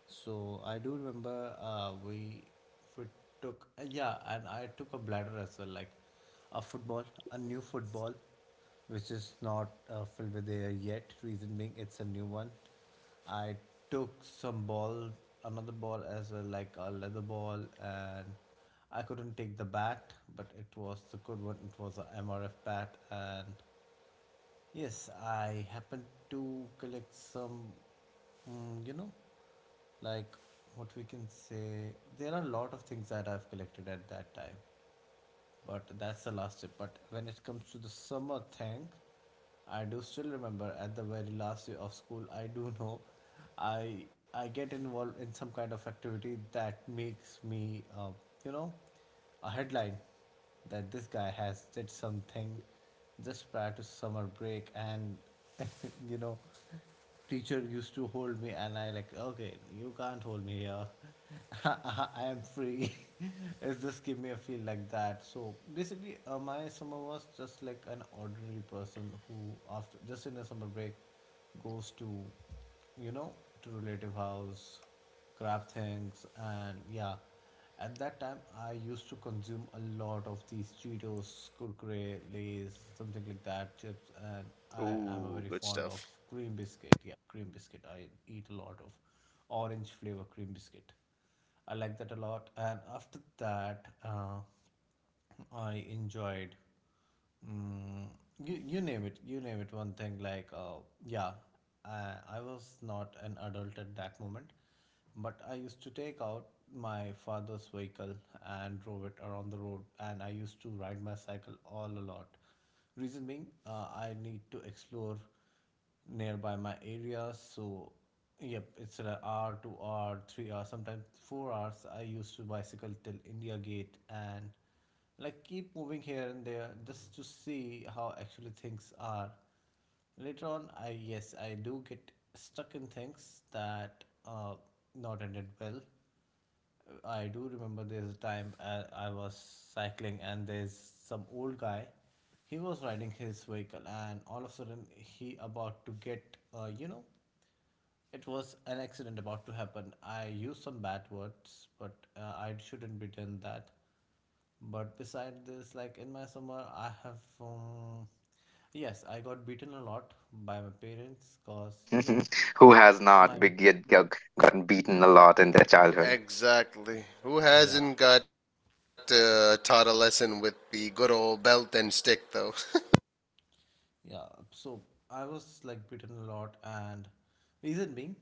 Speaker 1: So I do remember we took yeah, and I took a bladder as well, like a football, a new football, which is not filled with air yet. Reason being, it's a new one. I took some ball, another ball as well, like a leather ball, and I couldn't take the bat, but it was the good one. It was a MRF bat, and yes, I happen to collect some, mm, you know, like what we can say. There are a lot of things that I've collected at that time, but that's the last tip. But when it comes to the summer thing, I do still remember at the very last day of school. I do know, I I get involved in some kind of activity that makes me, you know, a headline that this guy has did something just prior to summer break and you know teacher used to hold me and I like okay you can't hold me here. I am free. It's just give me a feel like that. So basically, my summer was just like an ordinary person who after just in a summer break goes to, you know, to relative house, grab things and yeah, at that time, I used to consume a lot of these Cheetos, Kurkure, Lays, something like that,
Speaker 2: Ooh,
Speaker 1: chips,
Speaker 2: good
Speaker 1: and
Speaker 2: stuff.
Speaker 1: I am a very fond of cream biscuit. Yeah, cream biscuit. I eat a lot of orange flavor cream biscuit. I like that a lot. And after that, I enjoyed. Mm, you name it. You name it. One thing like yeah, I, I was not an adult at that moment, but I used to take out my father's vehicle and drove it around the road, and I used to ride my cycle all a lot. Reason being, I need to explore nearby my area. So, yep, it's an hour, 2 hour, 3 hours, sometimes 4 hours. I used to bicycle till India Gate and like keep moving here and there just to see how actually things are. Later on, I, yes, I do get stuck in things that not ended well. I do remember there's a time I was cycling and there's some old guy. He was riding his vehicle and all of a sudden he about to get you know it was an accident about to happen. I used some bad words, but I shouldn't be done that. But beside this, like in my summer, I have yes, I got beaten a lot by my parents because you know
Speaker 3: Who has
Speaker 1: my
Speaker 3: not be- get, gotten beaten a lot in their childhood?
Speaker 2: Exactly. Who
Speaker 1: yeah.
Speaker 2: hasn't got taught a lesson with the good old belt and stick though?
Speaker 1: Yeah, so I was like beaten a lot, and reason being,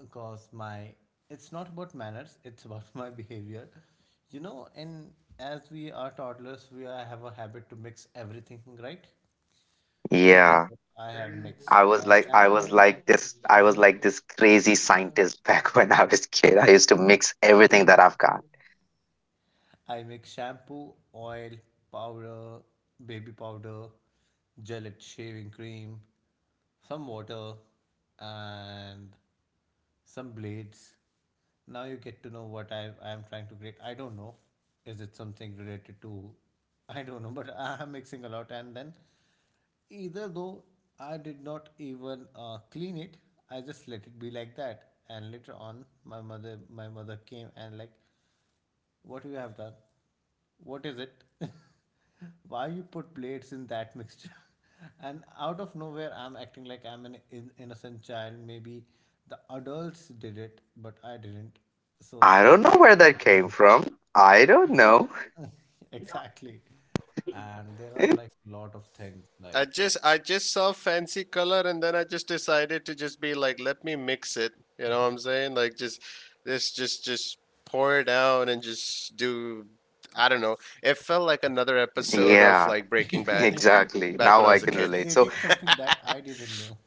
Speaker 1: because my, it's not about manners, it's about my behavior. You know, and as we are toddlers, we are, have a habit to mix everything, right? So guess
Speaker 3: Yeah.
Speaker 1: what? I have mixed
Speaker 3: I was
Speaker 1: shampoo.
Speaker 3: like this I was like this crazy scientist back when I was a kid. I used to mix everything that I've got.
Speaker 1: I mix shampoo, oil, powder, baby powder, gelate shaving cream, some water, and some blades. Now you get to know what I am trying to create. I don't know. Is it something related to? I don't know, but I am mixing a lot. And then, either though, I did not even clean it. I just let it be like that. And later on, my mother came and like, what you have done? What is it? Why you put plates in that mixture? And out of nowhere, I'm acting like I'm an innocent child. Maybe the adults did it, but I didn't. So
Speaker 3: I don't know
Speaker 1: they
Speaker 3: where that
Speaker 1: already
Speaker 3: came
Speaker 1: know.
Speaker 3: from. I don't know.
Speaker 1: Yeah. Exactly.
Speaker 2: I just saw
Speaker 1: And there are
Speaker 2: fancy
Speaker 1: like a
Speaker 2: color,
Speaker 1: lot of
Speaker 2: and then I
Speaker 1: things
Speaker 2: just
Speaker 1: like
Speaker 2: decided to just be like, let me mix it. You know what I'm saying? Like, just this just
Speaker 1: mhm.
Speaker 2: pour it out and just do, I don't know. It felt like another episode of like Breaking Bad back when I was a
Speaker 3: Yeah,
Speaker 2: kid.
Speaker 1: I
Speaker 3: exactly. Now I can
Speaker 1: was
Speaker 3: relate. So,
Speaker 1: creating something that I didn't know.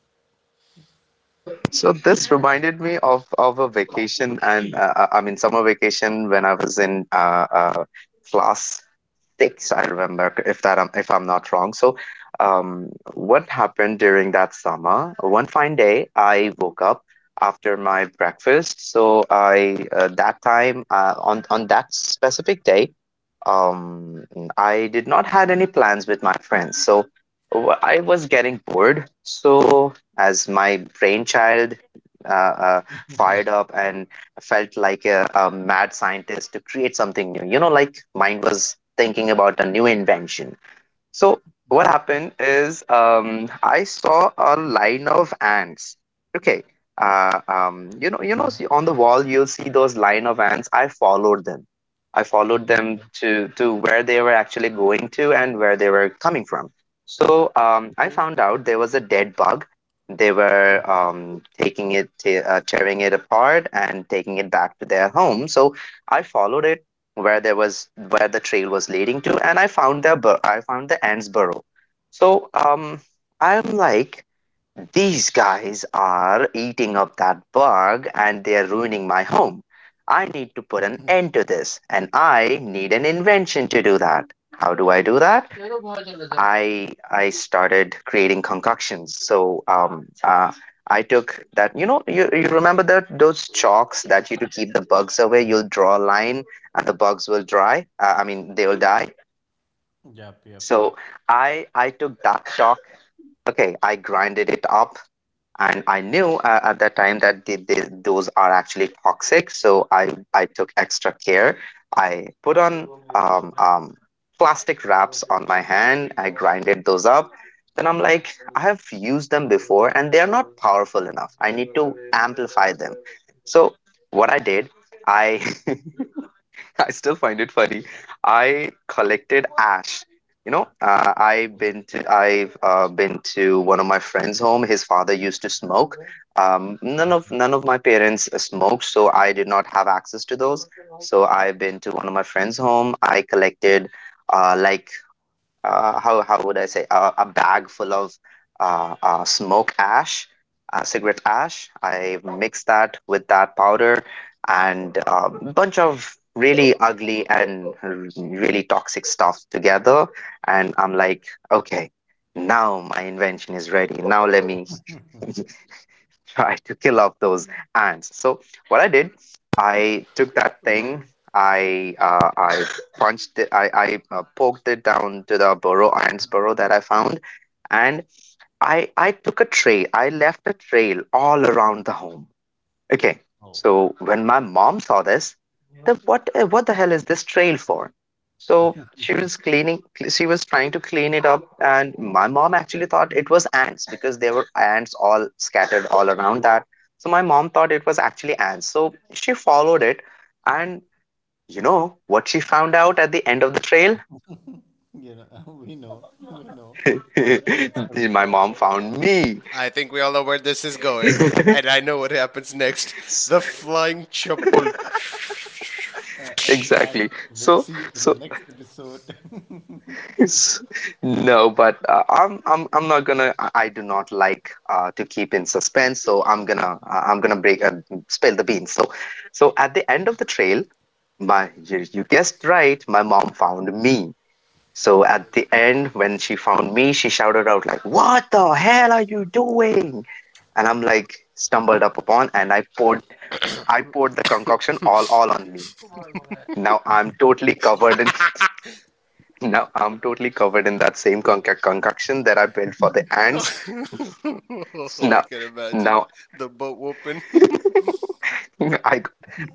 Speaker 3: so this reminded me of a vacation and, I mean summer vacation when I was in class six, I remember, if I'm not wrong. So, what happened during that summer? One fine day, I woke up after my breakfast. So I, that time, on that specific day, um, I did not had any plans with my friends. So I was getting bored. So as my brainchild uh, uh, fired up and felt like a mad scientist to create something new. You know, like mine was thinking about a new invention. So what happened is, I saw a line of ants. Okay, you know, see on the wall you'll see those line of ants. I followed them. I followed them
Speaker 1: Okay.
Speaker 3: to where they were actually going to and where they were coming from. So I
Speaker 1: Okay.
Speaker 3: found out there was a dead bug. They were, taking it, tearing it apart, and taking it back to their home. So I followed it where the trail was leading to, and I found I found the ants burrow. So I'm like, these guys are eating up that bug and they are ruining my home. I need to put an end to this and I need an invention to do that. How do I do that? I started creating concoctions. So I took that, you know, you remember that those chalks that you to keep the bugs away
Speaker 1: Yep.
Speaker 3: you'll draw a line and the bugs will dry, I mean they will die.
Speaker 1: Yep. Yep. Yep.
Speaker 3: So I took that chalk. Okay, I grinded it up, and I knew at that time that those are actually toxic. So I took extra care. I put on um, um, plastic wraps on my hand. I grinded those up. Then I'm like, I have used them before, and they are not powerful enough. I need to amplify them. So what I did, I I still find it funny. I collected ash. I've been to one of my friend's home. His father used to smoke. None of my parents smoked, so I did not have access to those. So I've been to one of my friend's home. I collected uh, like how would I say a bag full of smoke ash, cigarette ash. I mix that with that powder and a bunch of really ugly and really toxic stuff together, and I'm like, okay, now my invention is ready. Now let me try to kill off those ants. So what I did, I took that thing, I I punched it, I poked it down to the burrow ants burrow that I found, and I took a trail. I left a trail all around the home. Okay,
Speaker 1: Oh.
Speaker 3: so when my mom saw this, then what the hell is this trail for? So she was cleaning, she was trying to clean it up, and my mom actually thought it was ants because there were ants all scattered all around that. So my mom thought it was actually ants. So she followed it, and you know what she found out at the end of the trail?
Speaker 1: You know, we know where it's coming
Speaker 3: My
Speaker 1: from.
Speaker 3: mom found
Speaker 2: I think
Speaker 3: me.
Speaker 2: we all know where this is going, and I know what happens next. The
Speaker 3: S-
Speaker 2: flying chapel.
Speaker 1: It's like
Speaker 3: exactly.
Speaker 1: we'll
Speaker 3: So
Speaker 1: see you in the
Speaker 3: so
Speaker 1: next episode.
Speaker 3: no, but I'm not gonna. I do not like to keep in suspense, so I'm gonna break spill the beans. So, at the end of the trail, my you, you guessed right, my mom found me. So at the end, when she found me, she shouted out like, "What the hell are you doing?" And I'm like stumbled up upon, and I poured the concoction all on me. Now I'm totally covered in Now I'm totally covered in that same concoction that I built for the
Speaker 2: I
Speaker 3: ants.
Speaker 2: can
Speaker 3: Now,
Speaker 2: imagine the
Speaker 3: now,
Speaker 2: boat open.
Speaker 3: I,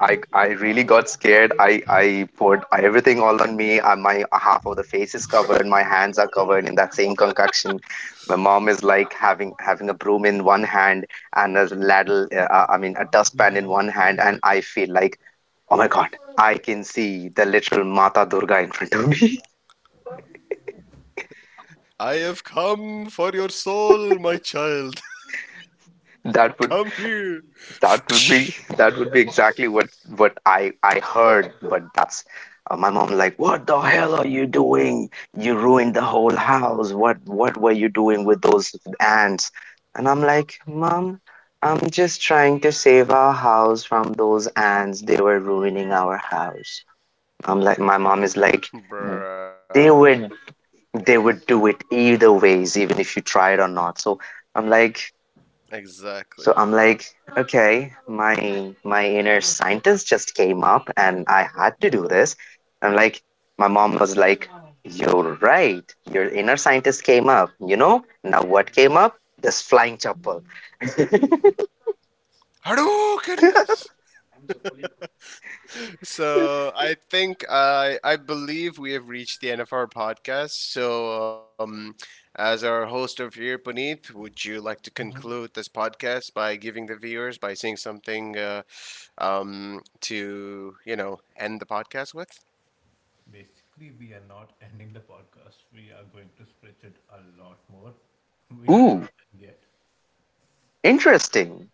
Speaker 3: I really got scared. I poured everything all on me. I, my half of the face is covered. My hands are covered in that same concoction. My mom is like having a broom in one hand and a ladle. I mean, a dustpan in one hand, and I feel like, oh my god, I can see the literal Mata Durga in front of me.
Speaker 2: I have come for your soul, my child.
Speaker 3: that
Speaker 2: Come
Speaker 3: would
Speaker 2: here.
Speaker 3: That would be exactly what I heard. But that's my mom like, what the hell are you doing? You ruined the whole house. What were you doing with those ants? And I'm like, mom, I'm just trying to save our house from those ants. They were ruining our house. I'm like, my mom is like,
Speaker 2: Bruh.
Speaker 3: they would they would do it either ways, even if you try it or not. I'm like,
Speaker 2: Exactly.
Speaker 3: so I'm like, okay, my inner scientist just came up and I had to do this. I'm like, my mom was like, you're right. Your inner scientist came up. You know? Now what came up? This flying chapel.
Speaker 2: Hadoo! So I think I believe we have reached the end of our podcast. So as our host over here, Puneet, would you like to conclude this podcast by giving the viewers, by saying something to end the podcast with?
Speaker 1: Basically, we are not ending the podcast. We are going to stretch it a lot more. We are not
Speaker 3: Ooh,
Speaker 1: done yet.
Speaker 3: interesting.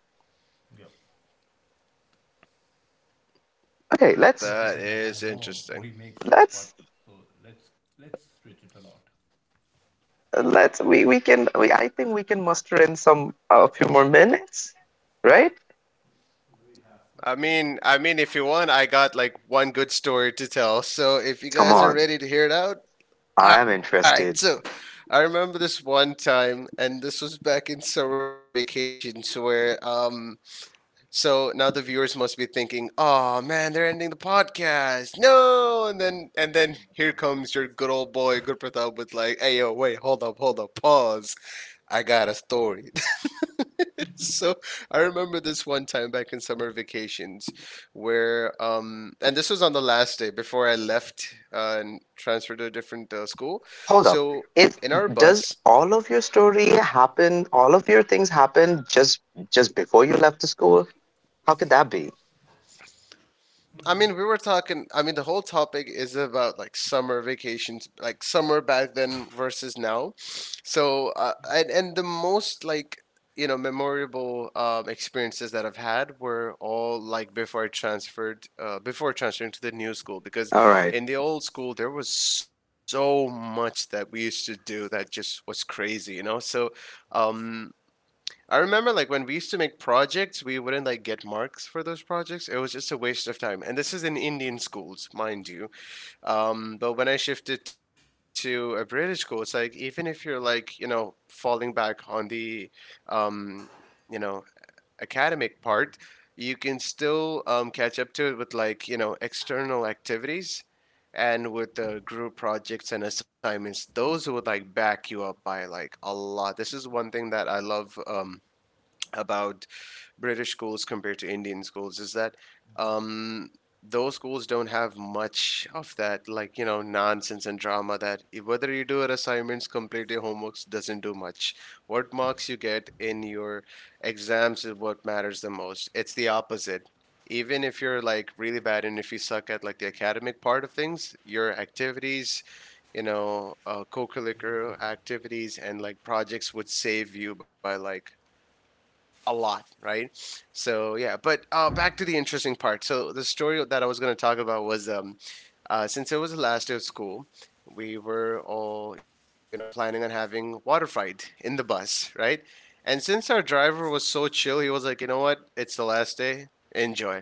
Speaker 1: Yep.
Speaker 3: Okay,
Speaker 1: Because every time
Speaker 2: That
Speaker 1: I
Speaker 2: is
Speaker 1: know we make
Speaker 2: interesting.
Speaker 1: short
Speaker 3: let's
Speaker 1: podcasts, so let's let's stretch it a lot.
Speaker 3: let's, I think we can muster in some a few more minutes, right?
Speaker 2: I mean, if you want, I got like one good story to tell. So if
Speaker 3: Come
Speaker 2: you
Speaker 3: on.
Speaker 2: guys are ready to hear it out,
Speaker 3: I am
Speaker 2: all right,
Speaker 3: interested.
Speaker 2: so I remember this one time, and this was back in summer vacations, where so now the viewers must be thinking, "Oh man, they're ending the podcast, no!" And then, here comes your good old boy, Good Pratap, with like, "Hey yo, wait, hold up, pause. I got a story." So I remember this one time back in summer vacations where and this was on the last day before I left, and transferred to a different school.
Speaker 3: Hold up.
Speaker 2: So
Speaker 3: It
Speaker 2: in our
Speaker 3: does
Speaker 2: bus.
Speaker 3: all of your story happen, all of your things happen just before you left the school? How could that be?
Speaker 2: I mean, we were talking. I mean, the whole topic is about like summer vacations, like summer back then versus now. So, and the most, like, memorable experiences that I've had were all like before I transferred, before transferring to the new school. Because
Speaker 3: All right.
Speaker 2: in the old school, there was so much that we used to do that just was crazy. So, um, I remember, like, when we used to make projects, we wouldn't like get marks for those projects. It was just a waste of time. And this is in Indian schools, mind you. But when I shifted to a British school, it's like, even if you're like, falling back on the um, you know, academic part, you can still catch up to it with, like, external activities, and with the group projects and assignments, those would like back you up by like a lot. This is one thing that I love, about British schools compared to Indian schools, is that um, those schools don't have much of that, like, nonsense and drama, that, whether you do your assignments, complete your homeworks, doesn't do much. What marks you get in your exams is what matters the most. It's the opposite. Even if you're like really bad, and if you suck at like the academic part of things, your activities, co curricular activities and like projects would save you by like a lot, right? So yeah, but back to the interesting part. So the story that I was going to talk about was, since it was the last day of school, we were all, planning on having water fight in the bus, right? And since our driver was so chill, he was like, you know what, it's the last day, enjoy.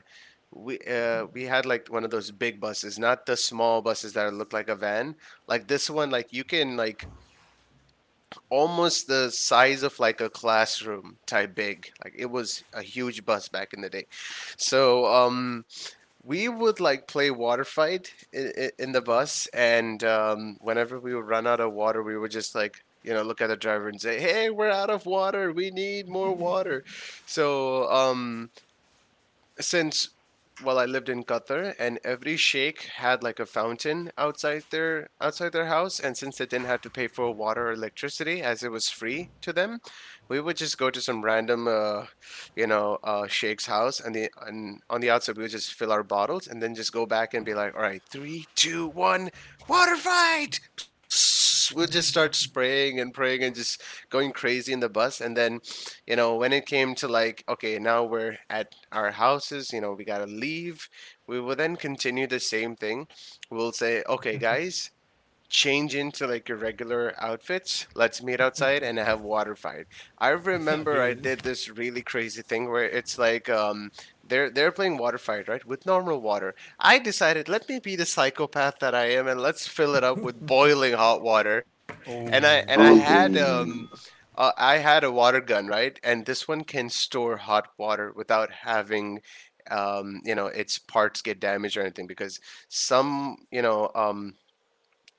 Speaker 2: We had like one of those big buses, not the small buses that look like a van. Like this one, like you can like almost the size of like a classroom type big. Like it was a huge bus back in the day. So we would like play water fight in the bus, and whenever we would run out of water, we would just like look at the driver and say, "Hey, we're out of water. We need more water." So since, well, I lived in Qatar and every sheikh had like a fountain outside their house, and since they didn't have to pay for water or electricity, as it was free to them, we would just go to some random sheikh's house, and the and on the outside we would just fill our bottles and then just go back and be like, all right, three, two, one, water fight. Psst, we'll just start spraying and praying and just going crazy in the bus. And then, when it came to like, okay, now we're at our houses, we got to leave. We will then continue the same thing. We'll say, okay, guys, change into like your regular outfits. Let's meet outside and have water fight. I remember I
Speaker 1: Again.
Speaker 2: did this really crazy thing where it's like they're playing water fight, right? With normal water. I decided, let me be the psychopath that I am, and let's fill it up with boiling hot water.
Speaker 1: Oh,
Speaker 2: And
Speaker 3: Ooh.
Speaker 2: I had a water gun, right? And this one can store hot water without having its parts get damaged or anything, because some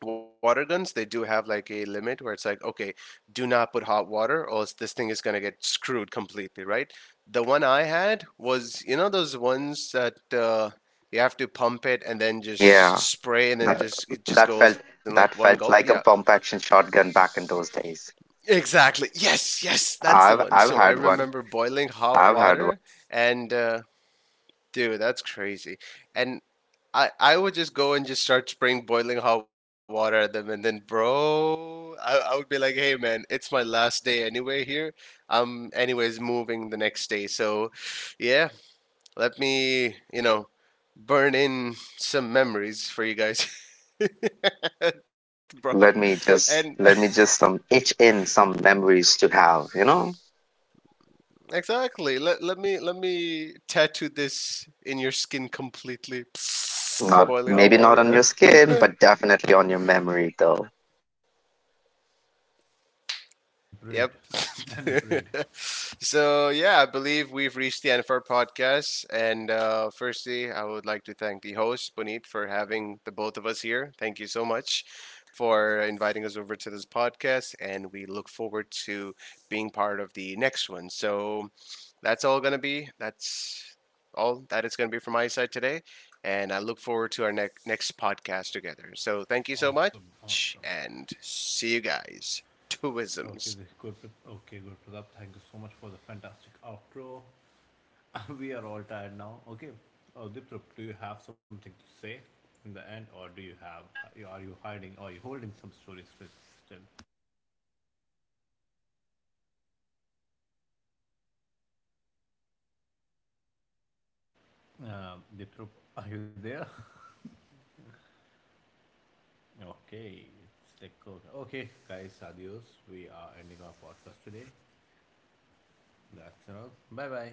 Speaker 2: water guns, they do have like a limit where it's like, okay, do not put hot water or else this thing is going to get screwed completely, right? The one I had was, those ones that you have to pump it and then just
Speaker 3: Yeah.
Speaker 2: spray, and then
Speaker 3: That
Speaker 2: just it just
Speaker 3: that
Speaker 2: goes
Speaker 3: felt
Speaker 2: in like one
Speaker 3: that
Speaker 2: gulp.
Speaker 3: felt
Speaker 2: Yeah,
Speaker 3: like a pump action shotgun back in those days.
Speaker 2: exactly, yes, yes, that's the one. So I
Speaker 3: I've had
Speaker 2: remember
Speaker 3: one.
Speaker 2: boiling hot
Speaker 3: I've had one.
Speaker 2: water, and dude, that's crazy. And I would just go and just start spraying boiling hot water at them, and then, bro, I would be like, hey man, it's my last day anyway here. I'm anyways moving the next day, so yeah, let me burn in some memories for you guys. Bro,
Speaker 3: Let me
Speaker 2: and
Speaker 3: just let me just some itch in some memories to have, you know?
Speaker 2: exactly, let me tattoo this in your skin completely.
Speaker 3: Not
Speaker 2: Psst,
Speaker 3: maybe
Speaker 2: boiling
Speaker 3: not on
Speaker 2: hot
Speaker 3: your
Speaker 2: water.
Speaker 3: skin, but definitely on your memory though.
Speaker 1: an imprint,
Speaker 2: Yep.
Speaker 1: an imprint.
Speaker 2: So yeah, I believe we've reached the end of our podcast. And firstly, I would like to thank the host Puneet for having the both of us here. Thank you so much for inviting us over to this podcast, and we look forward to being part of the next one. So that's all gonna be. That's all that is gonna be from my side today, and I look forward to our next podcast together. So
Speaker 1: Awesome,
Speaker 2: thank you so
Speaker 1: awesome.
Speaker 2: much, and see you guys.
Speaker 1: Okay, this
Speaker 2: Twisms.
Speaker 1: Gurprat. Okay, Gurpratap, thank you so much for the
Speaker 3: You're
Speaker 1: fantastic
Speaker 3: breaking there a
Speaker 1: outro.
Speaker 3: bit.
Speaker 1: We are all tired now. Okay, oh,
Speaker 3: All
Speaker 1: Diprup,
Speaker 3: right.
Speaker 1: do you have something to say in the end, or do you
Speaker 3: Um,
Speaker 1: have? Are you hiding? Or are you holding some stories with still?
Speaker 3: uh, uh, not exactly any story, but I just want to conclude by saying that,
Speaker 1: Diprup,
Speaker 3: yeah,
Speaker 1: are you there?
Speaker 3: hello, am I audible?
Speaker 1: Okay, it's like
Speaker 3: Am
Speaker 1: okay,
Speaker 3: I audible?
Speaker 1: guys, adios. We are ending our podcast today. That's enough. Bye bye.